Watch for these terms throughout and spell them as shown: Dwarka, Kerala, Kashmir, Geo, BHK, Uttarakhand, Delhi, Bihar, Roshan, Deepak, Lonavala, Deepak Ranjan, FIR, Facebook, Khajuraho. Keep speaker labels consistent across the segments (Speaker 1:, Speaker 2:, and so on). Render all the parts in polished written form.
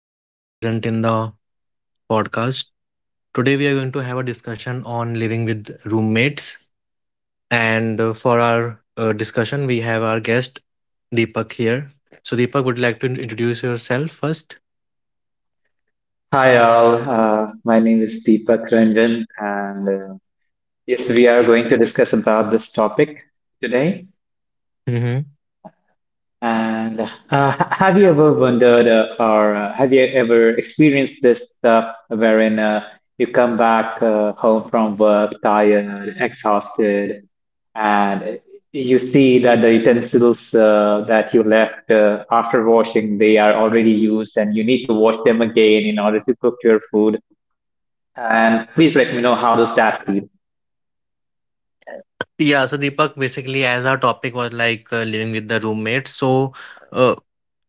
Speaker 1: that are present in the podcast. Today, we are going to have a discussion on living with roommates. And for our discussion, we have our guest Deepak here. So, Deepak, would you like to introduce yourself 1st?
Speaker 2: Hi all, my name is Deepak Ranjan, and yes, we are going to discuss about this topic today. And Have you ever wondered, or have you ever experienced this stuff wherein you come back home from work tired, exhausted, and you see that the utensils that you left after washing they are already used, and you need to wash them again in order to cook your food. And please let me know how does that feel.
Speaker 1: Yeah, so Deepak, basically, as our topic was like living with the roommates, so uh,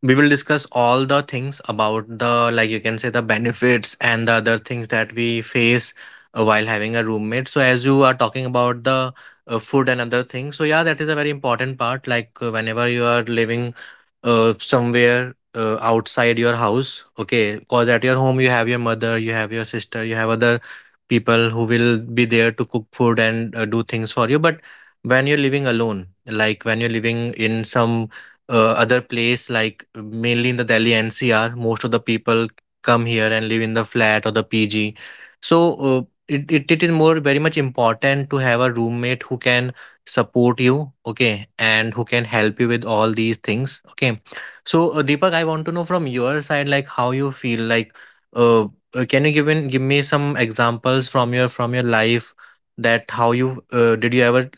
Speaker 1: we will discuss all the things about the, like you can say, the benefits and the other things that we face while having a roommate. So, as you are talking about the food and other things, so yeah, that is a very important part. Like, whenever you are living somewhere outside your house, okay, because at your home you have your mother, you have your sister, you have other people who will be there to cook food and do things for you, but when you're living alone, like when you're living in some other place, like mainly in the Delhi NCR, most of the people come here and live in the flat or the PG. So it is more very much important to have a roommate who can support you, okay, and who can help you with all these things, okay. So Deepak, I want to know from your side, like how you feel, like can you give me some examples from your life, that how you did you ever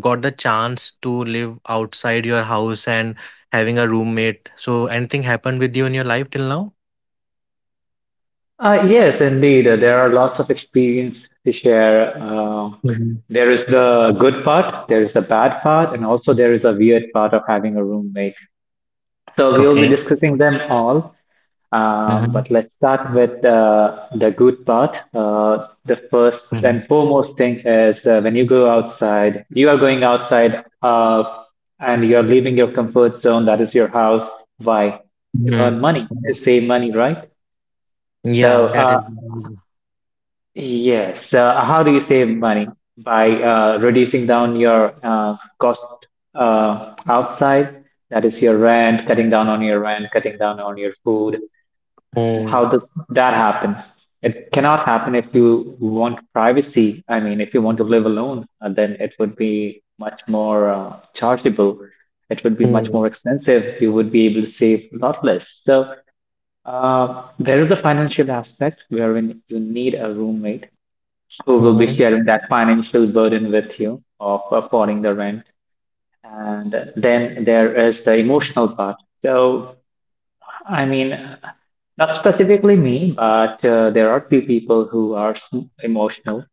Speaker 1: got the chance to live outside your house and having a roommate? So anything happened with you in your life till now?
Speaker 2: Yes, indeed. There are lots of experience to share.
Speaker 1: Mhm.
Speaker 2: There is the good part, there is the bad part, and also there is a weird part of having a roommate. So we'll be
Speaker 1: Okay.
Speaker 2: discussing them all. Um,
Speaker 1: Hmm.
Speaker 2: but let's start with the good part. The first
Speaker 1: Hmm.
Speaker 2: and foremost thing is when you go outside, you are going outside and you're leaving your comfort zone, that is your house. Why? To
Speaker 1: Hmm.
Speaker 2: earn money, to save money, right? So,
Speaker 1: Yeah, that is.
Speaker 2: uh,
Speaker 1: Mm-hmm.
Speaker 2: yes, how do you save money? By reducing down your cost outside, that is your rent, cutting down on your rent, cutting down on your food, and how does that happen? It cannot happen if you want privacy. I mean, if you want to live alone, then it would be much more chargeable. It would be much
Speaker 1: Mm-hmm.
Speaker 2: more expensive. You would be able to save a lot less. So there is the financial aspect wherein you need a roommate who will be sharing that financial burden with you of affording the rent. And then there is the emotional part. So I mean, not specifically me, but there are few people who are emotional.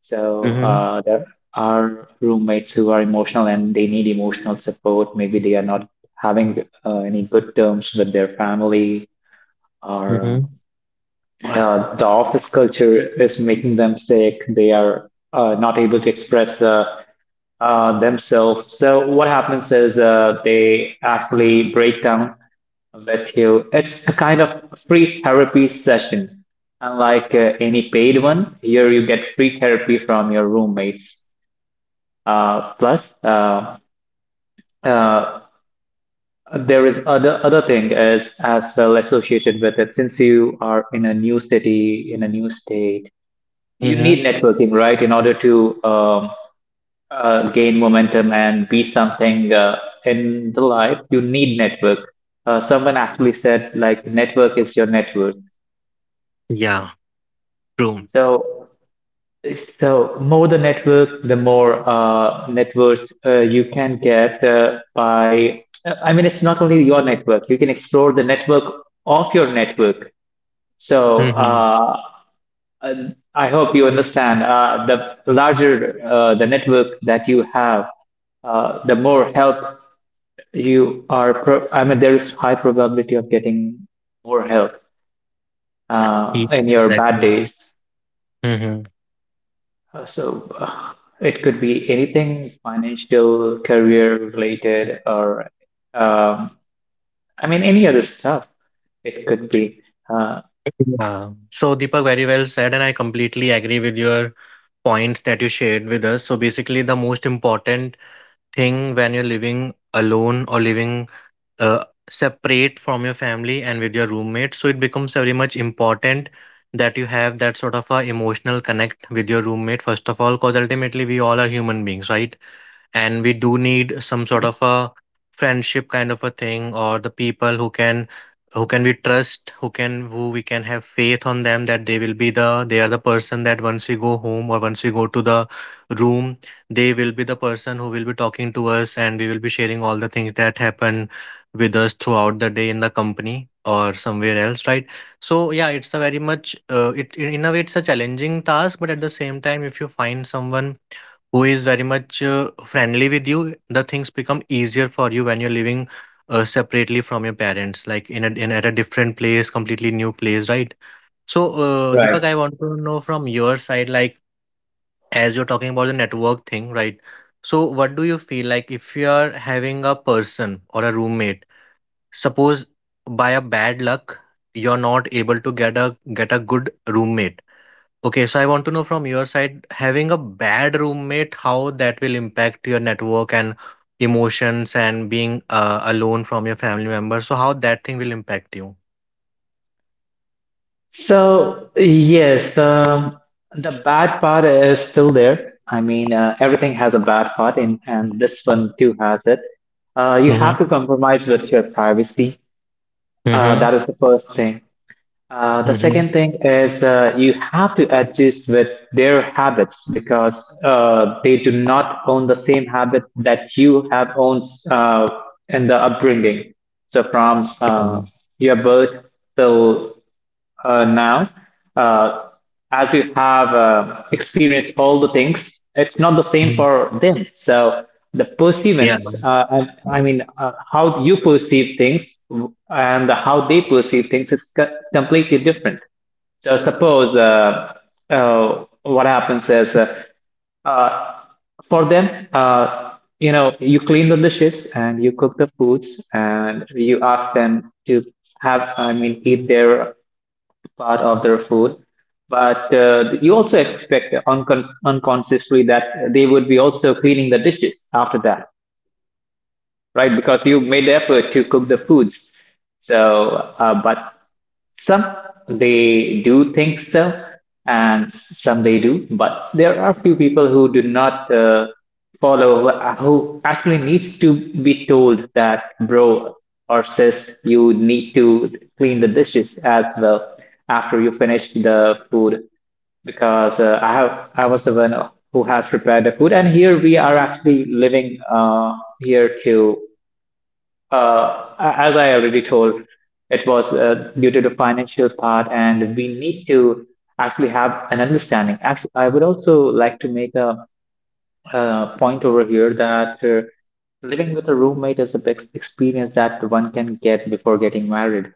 Speaker 2: So
Speaker 1: Mm-hmm.
Speaker 2: there are roommates who are emotional and they need emotional support. Maybe they are not having any good terms with their family, or
Speaker 1: Mm-hmm.
Speaker 2: the office culture is making them sick. They are not able to express themselves. So what happens is they actually break down with you. It's a kind of free therapy session. Unlike any paid one, here you get free therapy from your roommates. Plus, uh, there is other thing is as well associated with it. Since you are in a new city, in a new state, you
Speaker 1: Mm-hmm.
Speaker 2: need networking, right, in order to gain momentum and be something in the life. You need network. Someone actually said like network is your network.
Speaker 1: Yeah, true.
Speaker 2: So, so more the network, the more networks you can get by. I mean, it's not only your network. You can explore the network of your network. So
Speaker 1: Mm-hmm.
Speaker 2: I hope you understand. The larger the network that you have, the more help you are. I mean, there is high probability of getting more help in your bad
Speaker 1: Exactly.
Speaker 2: days.
Speaker 1: Mm-hmm.
Speaker 2: So, it could be anything financial, career related, or um, I mean any other stuff. It could be uh,
Speaker 1: Yeah. So Deepak, very well said, and I completely agree with your points that you shared with us. So basically, the most important thing when you're living alone or living uh, separate from your family and with your roommates. So it becomes very much important that you have that sort of a emotional connect with your roommate first of all, because ultimately we all are human beings, right? And we do need some sort
Speaker 2: Mhm.
Speaker 1: of a friendship kind of a thing, or the people who can, who can we trust, who can, who we can have faith on them that they will be the, they are the person that once we go home or once we go to the room, they will be the person who will be talking to us, and we will be sharing all the things that happen with us throughout the day in the company or somewhere else, right? So yeah, it's a very much it, in a way it's a challenging task, but at the same time, if you find someone who is very much friendly with you, the things become easier for you when you're living separately from your parents, like in at a different place, completely new place, right? So,
Speaker 2: Right.
Speaker 1: Deepak, I want to know from your side, like, as you're talking about the network thing, right? So, what do you feel like if you are having a person or a roommate? Suppose by a bad luck, you're not able to get a good roommate. Okay, so I want to know from your side, having a bad roommate, how that will impact your network and emotions and being alone from your family members. So how that thing will impact you?
Speaker 2: So yes, the bad part is still there. I mean, everything has a bad part, and, this one too has it. You
Speaker 1: Mm-hmm.
Speaker 2: have to compromise with your privacy. That is the first thing. The
Speaker 1: Mm-hmm.
Speaker 2: second thing is you have to adjust with their habits because they do not own the same habit that you have owned uh, in the upbringing. So from your birth till now, uh, as you have experienced all the things, it's not the same
Speaker 1: Mm-hmm.
Speaker 2: for them. So the
Speaker 1: Yeah.
Speaker 2: perceivance, and I mean, how you perceive things and how they perceive things is completely different. So suppose what happens is uh, for them, you know, you clean the dishes and you cook the foods and you ask them to have, I mean, eat their part of their food. But you also expect unconsciously that they would be also cleaning the dishes after that, right? Because you made the effort to cook the foods. So, but some they do think so, and some they do, but there are few people who do not follow, who actually needs to be told that, bro or sis, you need to clean the dishes as well after you finish the food because I was the one who has prepared the food, and here we are actually living here too, as I already told, it was due to the financial part, and we need to actually have an understanding. Actually, I would also like to make a point over here that living with a roommate is a big experience that one can get before getting married.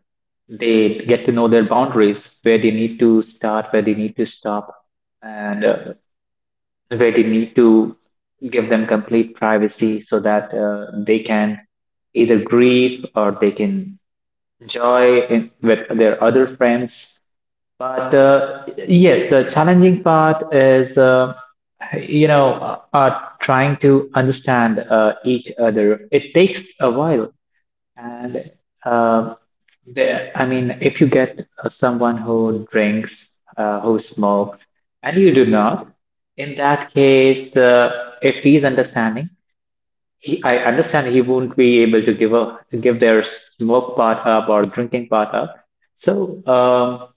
Speaker 2: They get to know their boundaries, where they need to start, where they need to stop, and where they need to give them complete privacy so that they can either grieve or they can enjoy in, with their other friends. But yes, the challenging part is, trying to understand each other. It takes a while. And uh, I mean, if you get someone who drinks, who smokes, and you do not, in that case, if he's understanding, I understand he won't be able to give up, give their smoke part up or drinking part up. So,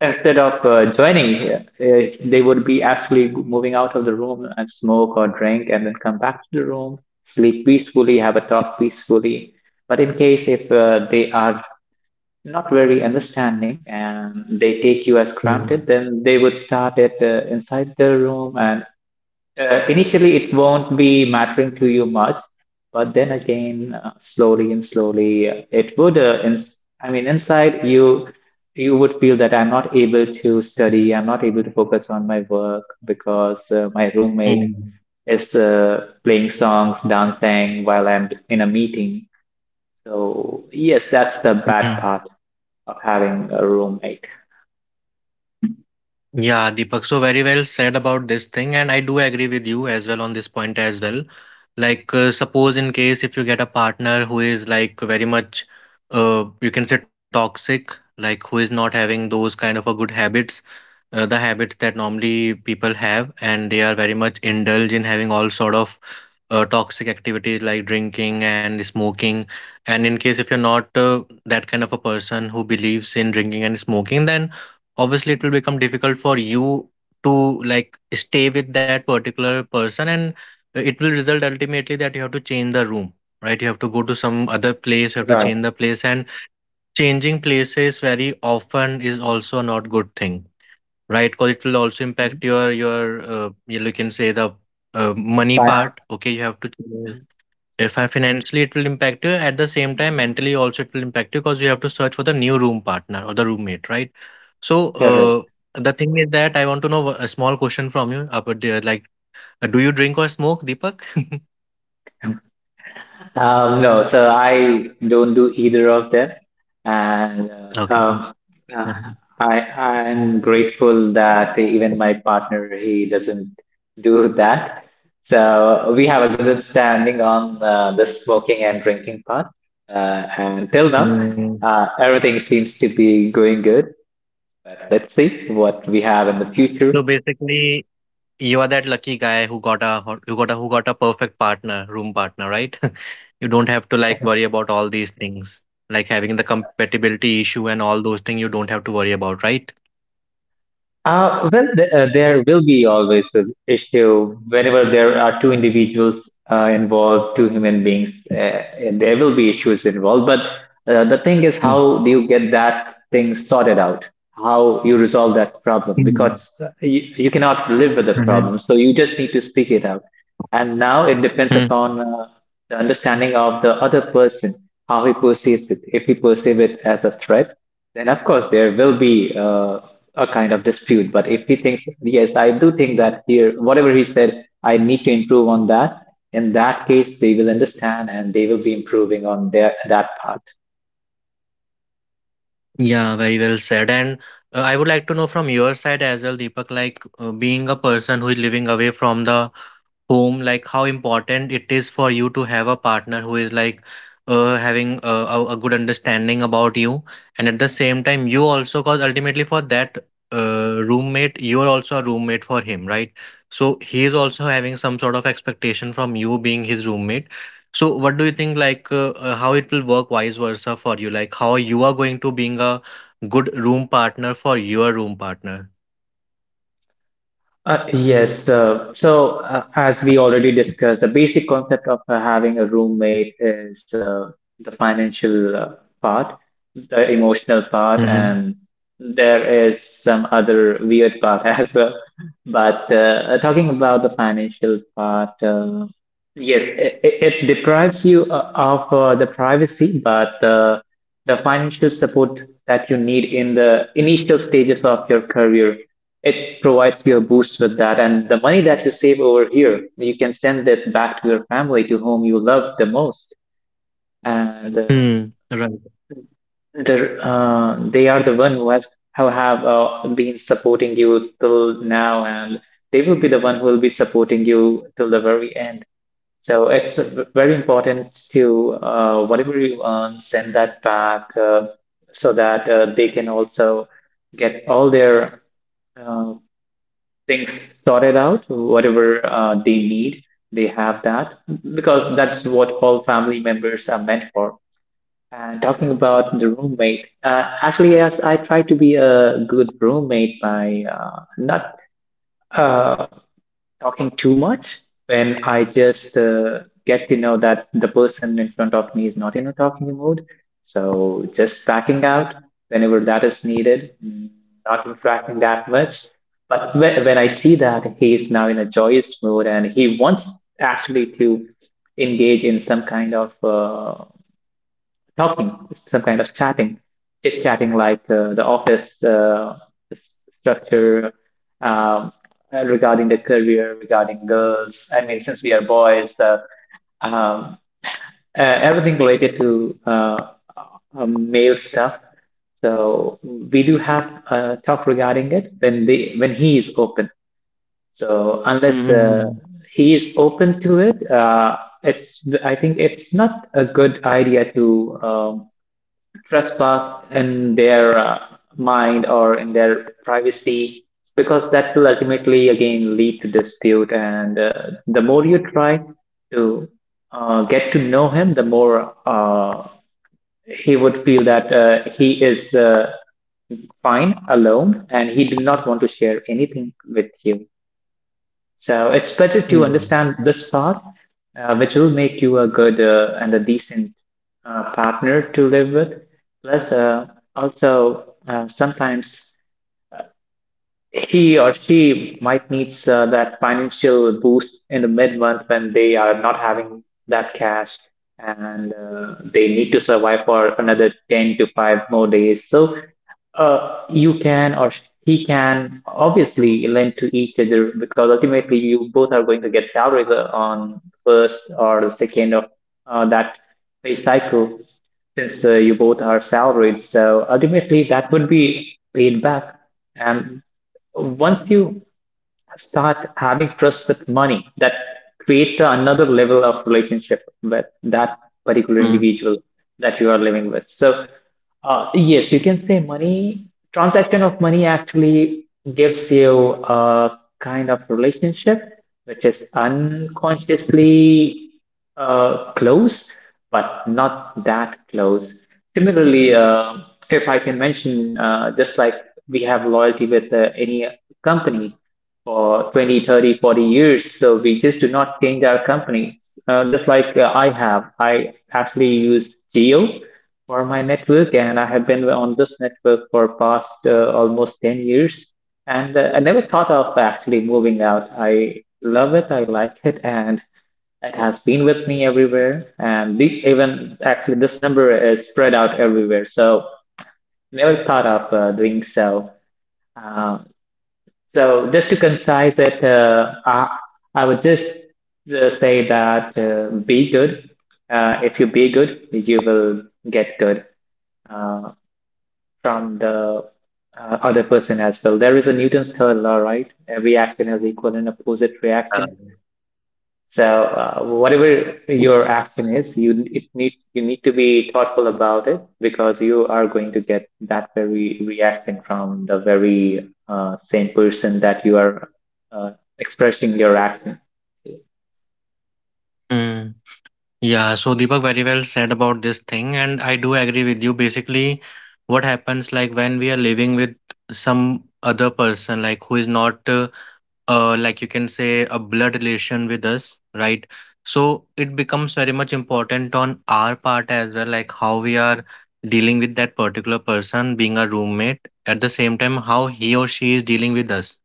Speaker 2: instead of joining, here, they would be actually moving out of the room and smoke or drink and then come back to the room, sleep peacefully, have a talk peacefully. But in case if they are not very understanding and they take you as
Speaker 1: Mm-hmm.
Speaker 2: granted, then they would start it inside the room, and initially, it won't be mattering to you much, but then again, slowly and slowly, it would. Ins I mean, inside you, you would feel that I'm not able to study, I'm not able to focus on my work because my roommate is playing songs, dancing while I'm in a meeting. So yes, that's the bad
Speaker 1: Mm-hmm.
Speaker 2: part of having a roommate.
Speaker 1: Yeah, Deepak, so very well said about this thing, and I do agree with you as well on this point as well. Like, suppose in case if you get a partner who is like very much, you can say toxic, like who is not having those kind of a good habits, the habits that normally people have, and they are very much indulge in having all sort of toxic activities like drinking and smoking, and in case if you're not that kind of a person who believes in drinking and smoking, then obviously it will become difficult for you to like stay with that particular person, and it will result ultimately that you have to change the room, right? You have to go to some other place, you have to
Speaker 2: Right.
Speaker 1: change the place. And changing places very often is also not good thing, right? Because it will also
Speaker 2: Mhm.
Speaker 1: impact your you, you can say the money
Speaker 2: Fine.
Speaker 1: part. Okay, you have to choose.
Speaker 2: Mhm.
Speaker 1: If I financially it will impact you, at the same time mentally also it will impact you, because you have to search for the new room partner or the roommate, right? So
Speaker 2: Correct.
Speaker 1: the thing is that I want to know a small question from you about there, like, do you drink or smoke, Deepak?
Speaker 2: No, so I don't do either of them, and uh,
Speaker 1: Okay.
Speaker 2: um, uh,
Speaker 1: Mhm.
Speaker 2: I'm grateful that even my partner he doesn't do that. So we have a good understanding on the smoking and drinking part, and till now,
Speaker 1: Mm.
Speaker 2: everything seems to be going good. But let's see what we have in the
Speaker 1: So
Speaker 2: future.
Speaker 1: basically, you are that lucky guy who got a who got a, who got a perfect partner, room partner, right? You don't have to like worry about all these things, like having the compatibility issue and all those things. You don't have to worry about, right?
Speaker 2: Well, there will be always an issue whenever there are two individuals involved, two human beings, and there will be issues involved. But the thing is,
Speaker 1: Mm-hmm.
Speaker 2: how do you get that thing sorted out? How you resolve that problem? Because you cannot live with the problem, so you just need to speak it out. And now it depends upon the understanding of the other person, how he perceives it. If he perceives it as a threat, then, of course, there will be a kind of dispute. But if he thinks, yes, I do think that here, whatever he said, I need to improve on that, in that case, they will understand and they will be improving on their that part.
Speaker 1: Yeah, very well said. And I would like to know from your side as well, Deepak, like, being a person who is living away from the home, like how important it is for you to have a partner who is like having a good understanding about you, and at the same time you also, cause ultimately for that roommate, you are also a roommate for him, right? So he is also having some sort of expectation from you being his roommate. So what do you think, like, how it will work vice versa for you, like how you are going to being a good room partner for your room partner?
Speaker 2: Yes, so as we already discussed, the basic concept of having a roommate is the financial part, the emotional part,
Speaker 1: Mm-hmm.
Speaker 2: and there is some other weird part as well. But talking about the financial part, yes, it deprives you of the privacy, but the financial support that you need in the initial stages of your career. It provides you a boost with that. And the money that you save over here, you can send it back to your family, to whom you love the most. And uh,
Speaker 1: Hmm, right.
Speaker 2: the, uh, they are the one who has who have been supporting you till now, and they will be the one who will be supporting you till the very end. So it's very important to whatever you earn, send that back so that they can also get all their uh, things sorted out, whatever they need, they have that, because that's what all family members are meant for. And talking about the roommate, actually, yes, I try to be a good roommate by not. Uh, talking too much when I just get to know that the person in front of me is not in a talking mood. So just backing out whenever that is needed, not interacting that much. But when I see that he is now in a joyous mood and he wants actually to engage in some kind of talking, some kind of chatting, chit chatting like the office structure um, regarding the career, regarding girls. I mean, since we are boys, um, uh, everything related to male stuff. So we do have a talk regarding it when they when he is open. So unless
Speaker 1: Mm-hmm.
Speaker 2: he is open to it, it's I think it's not a good idea to um, trespass in their mind or in their privacy because that will ultimately again lead to dispute and the more you try to get to know him, the more he would feel that he is fine alone and he did not want to share anything with you, so it's better to understand this part, which will make you a good and a decent partner to live with. Plus, also sometimes he or she might needs that financial boost in the mid-month when they are not having that cash, and they need to survive for another 10 to 5 more days. So you can, he can obviously lend to each other because ultimately you both are going to get salaries on first or the second of that pay cycle, since you both are salaried, so ultimately that would be paid back. And once you start having trust with money, that creates another level of relationship with that particular
Speaker 1: Hmm.
Speaker 2: individual that you are living with. So yes, you can say money, transaction of money actually gives you a kind of relationship which is unconsciously close, but not that close. Similarly, if I can mention, just like we have loyalty with any company for 20, 30, 40 years. So we just do not change our companies. Just like, I have, I actually used Geo for my network, and I have been on this network for past almost 10 years. And I never thought of actually moving out. I love it, I like it, and it has been with me everywhere. And the, even actually, this number is spread out everywhere. So never thought of doing so. Um so just to concise it, I would just say that be good. If you be good, you will get good uh, from the other person as well. There is a Newton's third law, right? Every action has equal and opposite
Speaker 1: Yeah.
Speaker 2: reaction. So whatever your action is, you need to be thoughtful about it because you are going to get that very reaction from the very same person that you are uh, expressing your action.
Speaker 1: Mm. Yeah. So Deepak, very well said about this thing, and I do agree with you. Basically, what happens like when we are living with some other person, like who is not, like you can say, a blood relation with us, right? So it becomes very much important on our part as well, like how we are dealing with that particular person, being a roommate. At the same time, how he or she is dealing with us.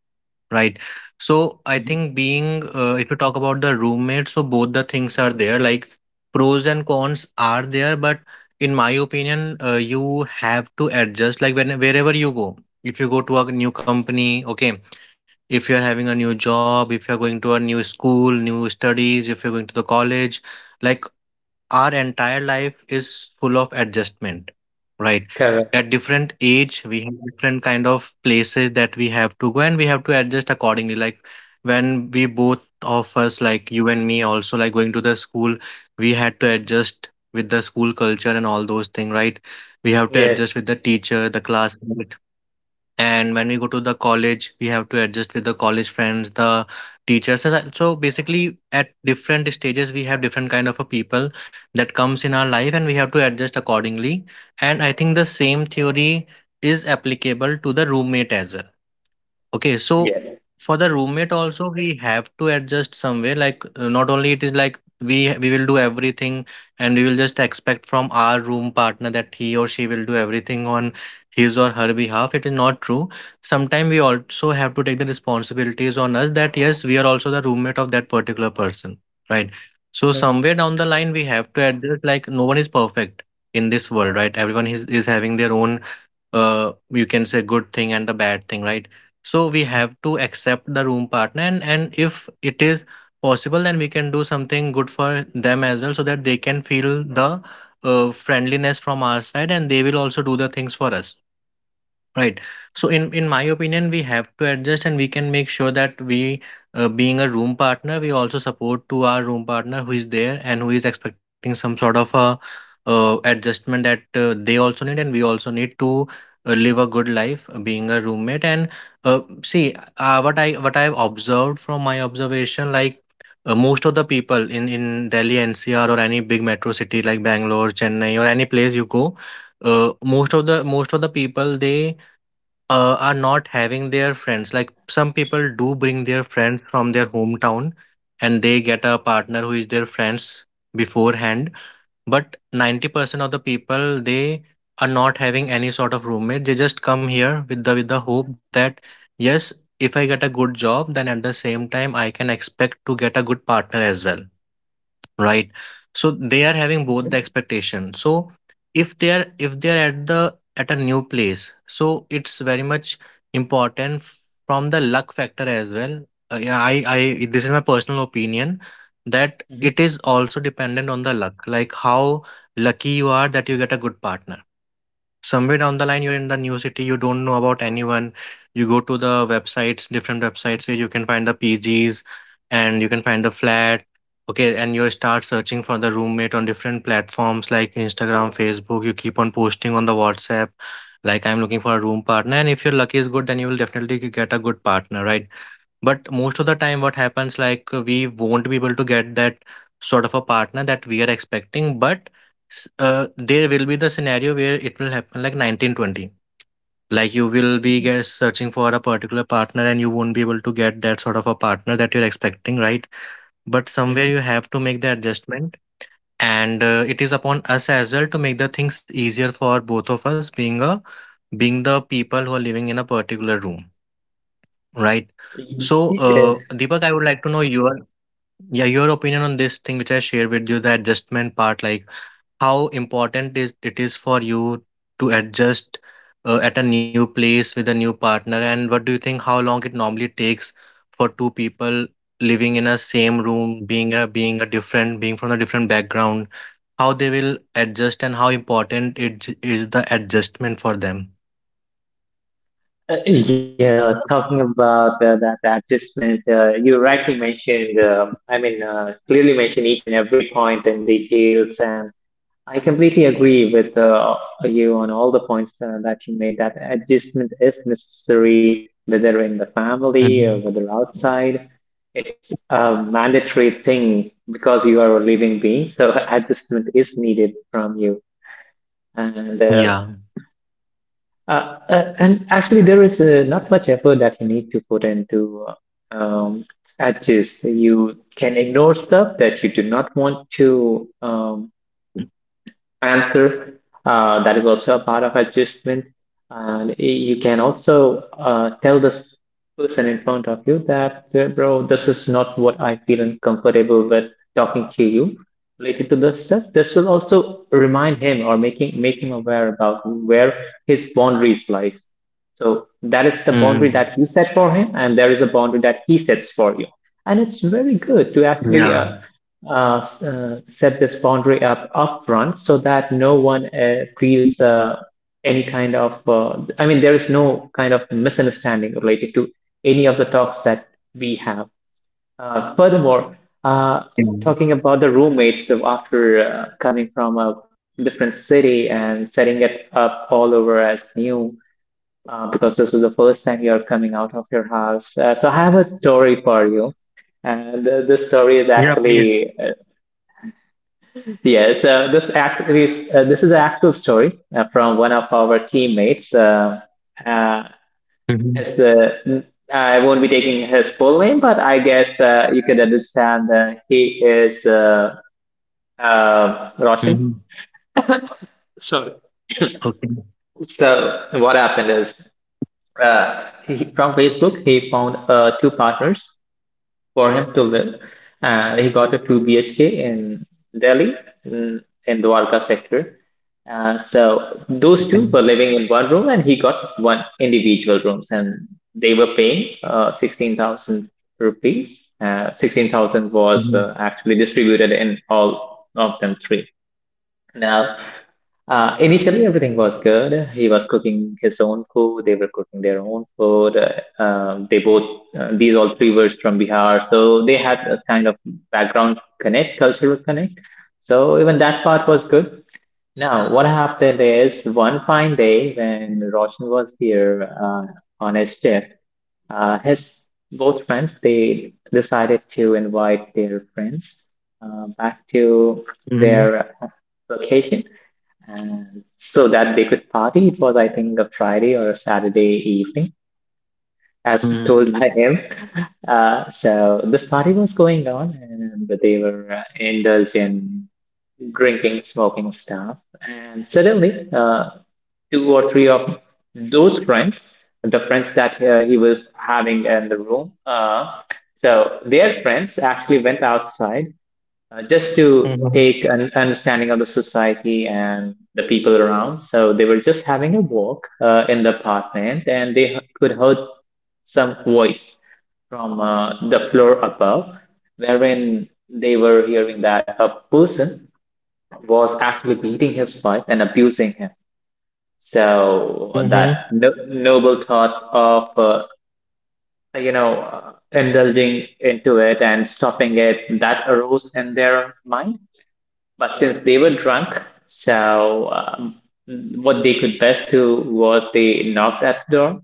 Speaker 1: Right. So I
Speaker 2: Mhm.
Speaker 1: think being, if you talk about the roommate, so both the things are there, like pros and cons are there, but in my opinion, you have to adjust like, when wherever you go. If you go to a new company, okay, if you're having a new job, if you're going to a new school, new studies, if you're going to the college, like, our entire life is full of adjustment, right?
Speaker 2: Correct.
Speaker 1: At different age we have different kind of places that we have to go, and we have to adjust accordingly. Like, when we,
Speaker 2: Mhm.
Speaker 1: both of us, like you and me, also like going to the school, we had to
Speaker 2: Mhm.
Speaker 1: adjust with the school culture and all those things, right? We have to
Speaker 2: Yes.
Speaker 1: adjust with the teacher, the class, and when we go to the college, we have to adjust with the college friends, the teachers. So basically, at different stages, we have different kind of a people that comes in our life, and we have to adjust accordingly. And I think the same theory is applicable to the roommate as well. Okay, so
Speaker 2: Yes.
Speaker 1: for the roommate also we have to adjust some way. Like not only it is like we will do everything and we will just expect from our room partner that he or she will do everything on his or her behalf. It is not true. Sometimes we also have to take the responsibilities on us, that yes, we are also the roommate of that particular person, right? So
Speaker 2: Mhm.
Speaker 1: somewhere down the line we have to adjust, like no one is perfect in this world, right? Everyone is having their own you can say good thing and the bad thing, right? So we have to accept the room partner, and if it is possible, then we can do something good for them as well, so that they can feel the friendliness from our side, and they will also do the things for us. Right. So in my opinion, we have to adjust, and we can make sure that we, being a room partner, we also support to our room partner who is there and who is expecting some sort of a adjustment that they also need, and we also need to live a good life being a roommate. What I've observed from my observation, most of the people in Delhi NCR or any big metro city like Bangalore, Chennai, or any place you go, uh, most of the people they are not having their friends. Like some people do bring their friends from their hometown and they get a partner who is their friends beforehand. But 90% of the people, they are not having any sort of roommate. They just come here with with the hope that, yes, if I get a good job, then at the same time, I can expect to get a good partner as well. Right. So they are having both the expectation. So if they are at the at a new place, so it's very much important from the luck factor as well. Yeah, I this is my personal opinion that
Speaker 2: Mhm.
Speaker 1: it is also dependent on the luck, like how lucky you are that you get a good partner. Somewhere down the line, you're in the new city, you don't know about anyone. You go to the websites, different websites where you can find the PGs and you can find the flat. Okay, and you start searching for the roommate on different platforms like Instagram, Facebook. You keep on posting on the WhatsApp, like I'm looking for a room partner. And if your luck is good, then you will definitely get a good partner, right? But most of the time, what happens, like we won't be able to get that sort of a partner that we are expecting. But there will be the scenario where it will happen like 1920. Like you will be
Speaker 2: Mhm.
Speaker 1: get searching for a particular partner and you won't be able to get that sort of a partner that you're expecting, right? But somewhere you
Speaker 2: Mhm.
Speaker 1: have to make the adjustment. And it is upon us as well to make the things easier for both of us, being the people who are living in a particular room, right?
Speaker 2: Mhm.
Speaker 1: So,
Speaker 2: Yes.
Speaker 1: Deepak, I would like to know your opinion on this thing which I shared with you, the adjustment part, like how important is it is for you to adjust at a new place with a new partner, and what do you think how long it normally takes for two people living in a same room, being from a different background, how they will adjust and how important is the adjustment for them.
Speaker 2: Yes, talking about that adjustment, you rightly mentioned, I mean, clearly mentioned each and every point and details, and I completely agree with you on all the points that you made, that adjustment is necessary, whether in the family or
Speaker 1: Mhm.
Speaker 2: whether outside. It's a mandatory thing because you are a living being, so adjustment is needed from you. And uh,
Speaker 1: Yeah.
Speaker 2: and actually, there is not much effort that you need to put into adjust. You can ignore stuff that you do not want to answer. That is also a part of adjustment. And you can also tell this person in front of you that, bro, this is not what I feel uncomfortable with talking to you related to this stuff. This will also remind him or making make him aware about where his boundaries lies. So that is the boundary that
Speaker 1: Mhm.
Speaker 2: you set for him, and there is a boundary that he sets for you. And it's very good to actually
Speaker 1: Yeah.
Speaker 2: set this boundary up upfront so that no one feels any kind of, I mean, there is no kind of misunderstanding related to any of the talks that we have. Furthermore, uh,
Speaker 1: Yeah.
Speaker 2: talking about the roommates, so after coming from a different city and setting it up all over as new, because this is the first time you're coming out of your house. So I have a story for you. And this story is
Speaker 1: Yeah, please.
Speaker 2: actually yeah, so this is an actual story from one of our teammates. Uh, as
Speaker 1: Mhm.
Speaker 2: the I won't be taking his full name, but I guess you can understand that he is, Roshan.
Speaker 1: Mhm.
Speaker 2: Sorry.
Speaker 1: Okay.
Speaker 2: So what happened is he, from Facebook, he found two partners for him to live, and he got a 2 BHK in Delhi in, in Dwarka sector. So those two
Speaker 1: Okay.
Speaker 2: were living in one room, and he got one individual rooms, and they were paying 16,000 rupees. 16,000 was
Speaker 1: Mhm.
Speaker 2: actually distributed in all of them three. Now, initially everything was good. He was cooking his own food. They were cooking their own food. They both, these all three were from Bihar, so they had a kind of background connect, cultural connect. So even that part was good. Now, what happened is one fine day when Roshan was here on his shift, his both friends they decided to invite their friends back to
Speaker 1: Mhm.
Speaker 2: their location, and so that they could party. It was, I think, a Friday or a Saturday evening, as told
Speaker 1: Mhm.
Speaker 2: by him. So this party was going on, and they were indulging drinking, smoking stuff. And suddenly, two or three of those friends, the friends that he was having in the room, so their friends actually went outside just to take
Speaker 1: Mhm.
Speaker 2: an understanding of the society and the people around. So they were just having a walk in the apartment, and could heard some voice from the floor above, wherein they were hearing that a person was actually beating his wife and abusing him. So
Speaker 1: Mhm.
Speaker 2: that no noble thought of indulging into it and stopping it that arose in their mind. But since they were drunk, so what they could best do was they knocked at the door.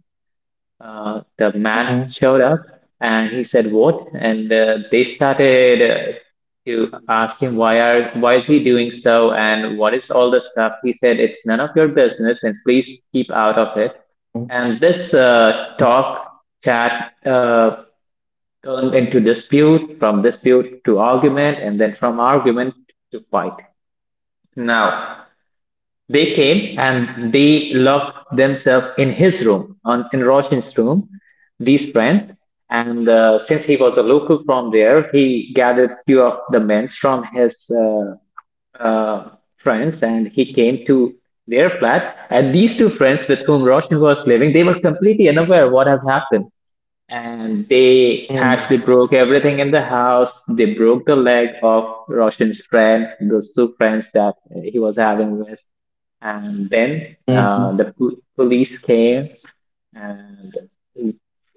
Speaker 2: The
Speaker 1: Mhm.
Speaker 2: man showed up and he said, "What?" And they started to ask him, why is he doing so and what is all the stuff? He said, "It's none of your business and please keep out of it."
Speaker 1: Mhm.
Speaker 2: And this talk chat turned into dispute, from dispute to argument, and then from argument to fight. Now, they came and they locked themselves in his room, on in Roshan's room, these friends. And since he was a local from there, he gathered few of the men from his uh, friends and he came to their flat. And these two friends with whom Roshan was living, they were completely unaware what has happened. And they actually
Speaker 1: Mhm.
Speaker 2: broke everything in the house. They broke the leg of Roshan's friend, those two friends that he was having with. And then
Speaker 1: Mhm.
Speaker 2: police came and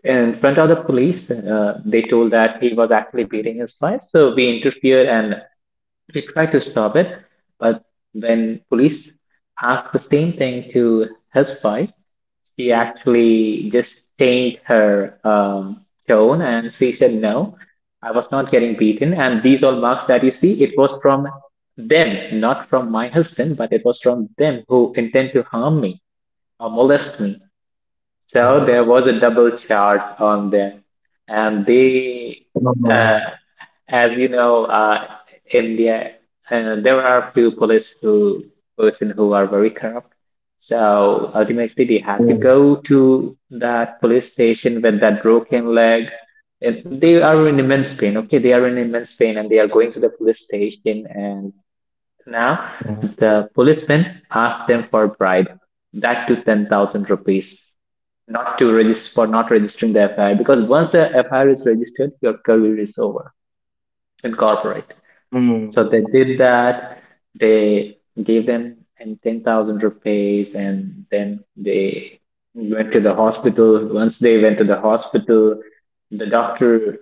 Speaker 2: in front of the police, they told that he was actually beating his wife. So we interfered and he tried to stop it, but when police asked the same thing to his wife, she actually just changed her tone and she said, "No, I was not getting beaten. And these all marks that you see, it was from them, not from my husband, but it was from them who intend to harm me or molest me." So there was a double charge on them, and they, uh,
Speaker 1: Mhm.
Speaker 2: as you know, India, there are few police who person who are very corrupt. So ultimately, they had to
Speaker 1: Mhm.
Speaker 2: go to that police station with that broken leg. And they are in immense pain. Okay, they are in immense pain, and they are going to the police station, and now,
Speaker 1: Mhm.
Speaker 2: the policeman asked them for a bribe, that to 10,000 rupees, not to register, for not registering the FIR, because once the FIR is registered, your career is over in corporate.
Speaker 1: Mhm.
Speaker 2: So they did that. They gave them and 10,000 rupees, and then they went to the hospital. Once they went to the hospital, the doctor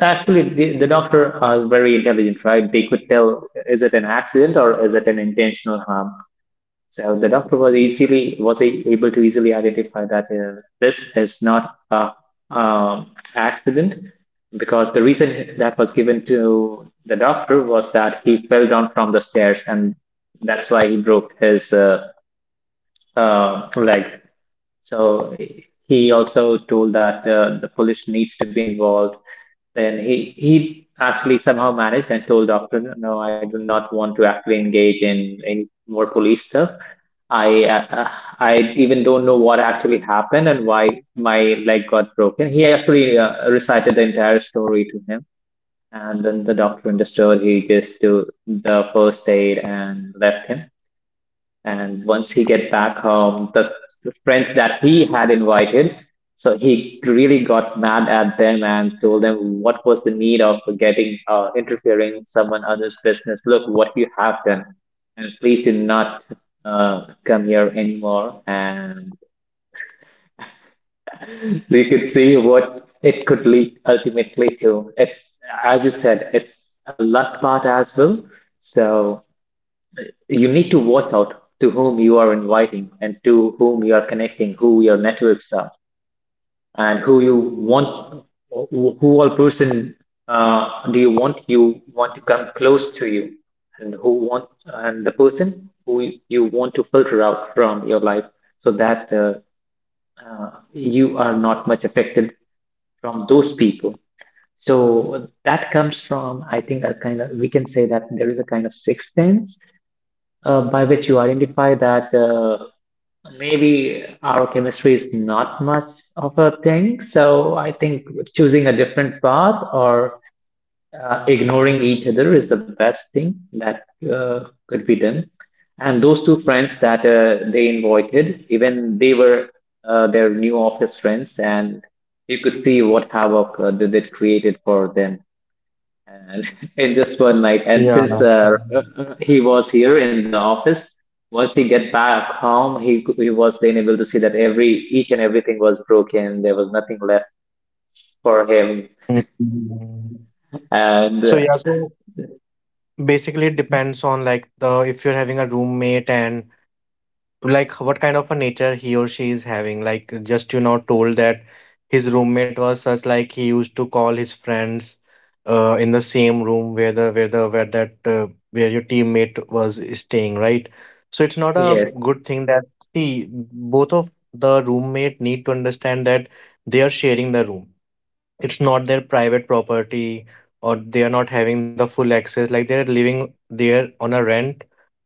Speaker 2: actually the doctor are very intelligent, right? They could tell is it an accident or is it an intentional harm. So the doctor was easily able to easily identify that this is not a accident, because the reason that was given to the doctor was that he fell down from the stairs and that's why he broke his leg. So he also told that the police needs to be involved. Then he actually somehow managed and told doctor, no, I do not want to actually engage in any more police stuff. I uh, I even don't know what actually happened and why my leg got broken. He actually recited the entire story to him, and then the doctor understood. He just do the first aid and left him. And once he get back home, the friends that he had invited, so he really got mad at them and told them what was the need of getting interfering in someone else's business. Look what you have done, and please do not come here anymore. And so you could see what it could lead ultimately to. It's as you said, it's a luck part as well. So you need to watch out to whom you are inviting and to whom you are connecting, who your networks are, and who you want, who all person do you want to come close to you, and who want and the person who you want to filter out from your life so that you are not much affected from those people. So that comes from, I think, a kind of we can say that there is a kind of sixth sense by which you identify that maybe our chemistry is not much of a thing. So I think choosing a different path or ignoring each other is the best thing that could be done. And those two friends that they invited, even they were their new office friends, and you could see what havoc that it created for them and in just one night. And
Speaker 1: Yeah.
Speaker 2: since he was here in the office, once he get back home, he was then able to see that every each and everything was broken. There was nothing left for him,
Speaker 1: Mhm.
Speaker 2: and
Speaker 1: So yeah, so basically it
Speaker 2: Mhm.
Speaker 1: depends on like the if you're having a roommate and like what kind of a nature he or she is having, like just you know told that his roommate was such, like he used to call his friends in the same room where the where the where that where your teammate was staying, right? So it's not a
Speaker 2: Yes.
Speaker 1: good thing that, see, both of the roommate need to understand that they are sharing the room, it's not their private property or they are not having the full access, like they're living there on a rent.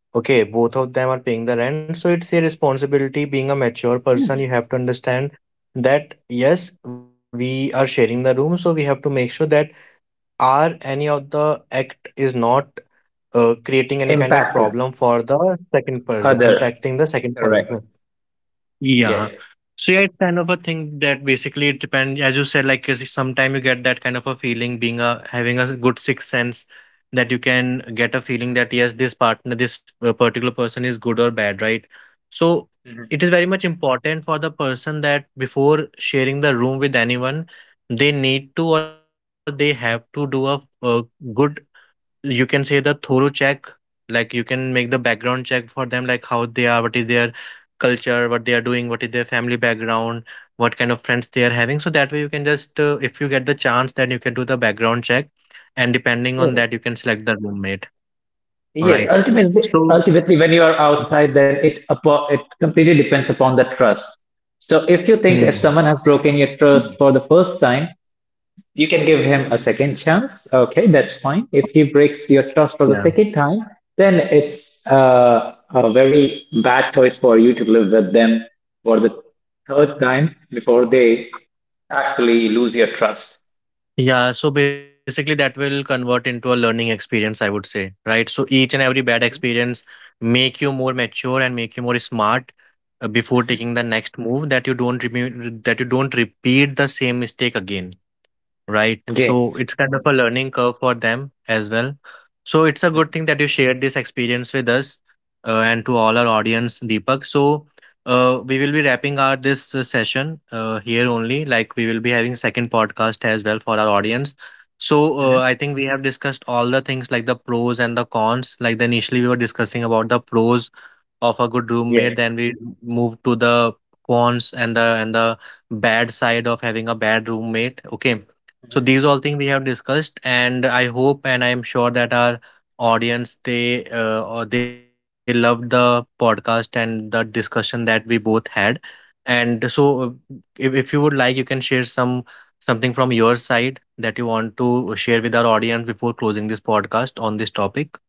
Speaker 1: Okay, both of them are paying the rent. So it's a responsibility being a mature person. You
Speaker 2: Mhm.
Speaker 1: have to understand that yes, we are sharing the room. So we have to make sure that our any of the act is not creating any kind of problem
Speaker 2: Impacting
Speaker 1: for the second person,
Speaker 2: other.
Speaker 1: impacting the second person.
Speaker 2: Correct.
Speaker 1: Yeah.
Speaker 2: Yes.
Speaker 1: So yeah, it's kind of a thing that basically it depends, as you said, like sometimes you get that kind of a feeling being a having a good sixth sense that you can get a feeling that yes, this partner, this particular person is good or bad, right? So
Speaker 2: Mhm.
Speaker 1: it is very much important for the person that before sharing the room with anyone, they need to or they have to do a good, you can say, the thorough check, like you can make the background check for them, like how they are, what is their culture, what they are doing, what is their family background, what kind of friends they are having. So that way you can just, if you get the chance, then you can do the background check, and depending on that, you
Speaker 2: Yes.
Speaker 1: can select the roommate. All
Speaker 2: Yes.
Speaker 1: right.
Speaker 2: Ultimately,
Speaker 1: So,
Speaker 2: ultimately, when you are outside, then it completely depends upon the trust. So if you think if
Speaker 1: hmm,
Speaker 2: someone has broken your trust for the first time, you can give him a second chance. Okay, that's fine. If he breaks your trust for the
Speaker 1: yeah.
Speaker 2: second time, then it's a very bad choice for you to live with them for the third time before they actually lose your trust.
Speaker 1: Yeah, so basically that will convert into a learning experience, I would say, right? So each and every bad
Speaker 2: Mhm,
Speaker 1: experience make you more mature and make you more smart before
Speaker 2: mhm.
Speaker 1: taking the next move, that you don't repeat the same mistake again. Right. So
Speaker 2: Yes.
Speaker 1: it's kind of a
Speaker 2: Mhm,
Speaker 1: learning curve for them as well. So it's a
Speaker 2: mhm,
Speaker 1: good thing that you shared this experience with us and to all our audience, Deepak. So we will be wrapping our this session here only. Like we will be having second podcast as well for our audience. So
Speaker 2: mhm.
Speaker 1: I think we have discussed all the things like the pros and the cons. Like the initially we were discussing about the pros of a good
Speaker 2: Yes,
Speaker 1: roommate, then we move to the cons and the bad side of having a bad roommate, okay? So these all things we have discussed, and I hope and I am sure that our audience they or they loved the podcast and the discussion that we both had. And so uh, if you would like, you can share some something from your side that you want to share with our audience before closing this podcast on this topic.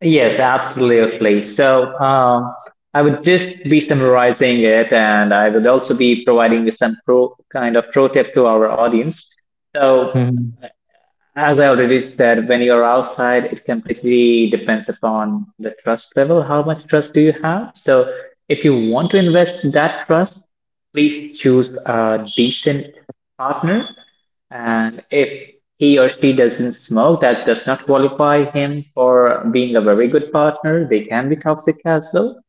Speaker 2: yes, absolutely. So, I would just be summarizing it, and I would also be providing you some pro kind of pro tip to our audience. So,
Speaker 1: Mm-hmm.
Speaker 2: as I already said, when you're outside, it completely depends upon the trust level. How much trust do you have? So, if you want to invest that trust, please choose a decent partner. And if he or she doesn't smoke, that does not qualify him for being a very good partner. They can be toxic as well.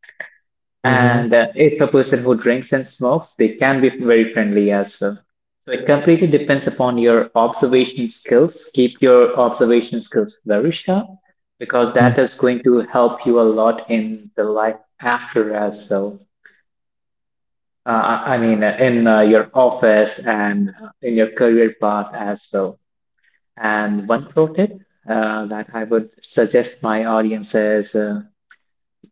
Speaker 2: And
Speaker 1: Mm-hmm.
Speaker 2: if a person who drinks and smokes, they can be very friendly as well. So it completely depends upon your observation skills. Keep your observation skills very sharp because that is going to help you a lot in the life after as well. I mean, in your office and in your career path as well. And one pro tip that I would suggest my audience is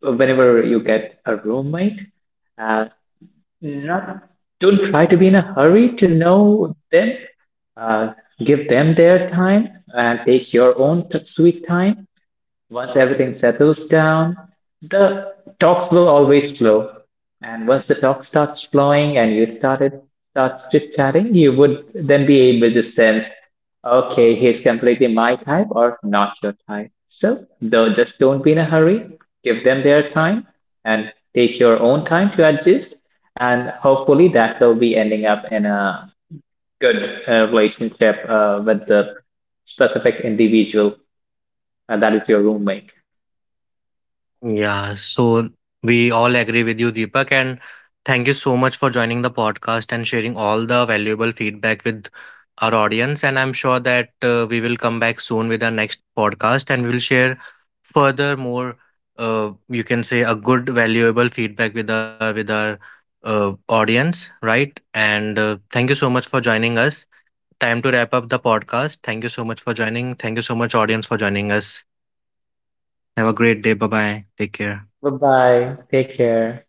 Speaker 2: whenever you get a roommate, uh, Not, don't try to be in a hurry to know them. Uh, give them their time and take your own sweet time. Once everything settles down, the talks will always flow. And once the talk starts flowing and you started starts chit-chatting, you would then be able to sense, okay, he's completely my type or not your type. So, though, just don't be in a hurry. Give them their time and take your own time to adjust. And hopefully, that will be ending up in a good relationship with the specific individual that is your roommate.
Speaker 1: Yeah, so we all agree with you, Deepak, and thank you so much for joining the podcast and sharing all the valuable feedback with our audience. And I'm sure that we will come back soon with our next podcast and we will share further more, you can say, a good, valuable feedback with our audience, right? And thank you so much for joining us. Time to wrap up the podcast. Thank you so much for joining. Thank you so much, audience, for joining us. Have a great day. Bye bye. Take care.
Speaker 2: Bye bye. Take care.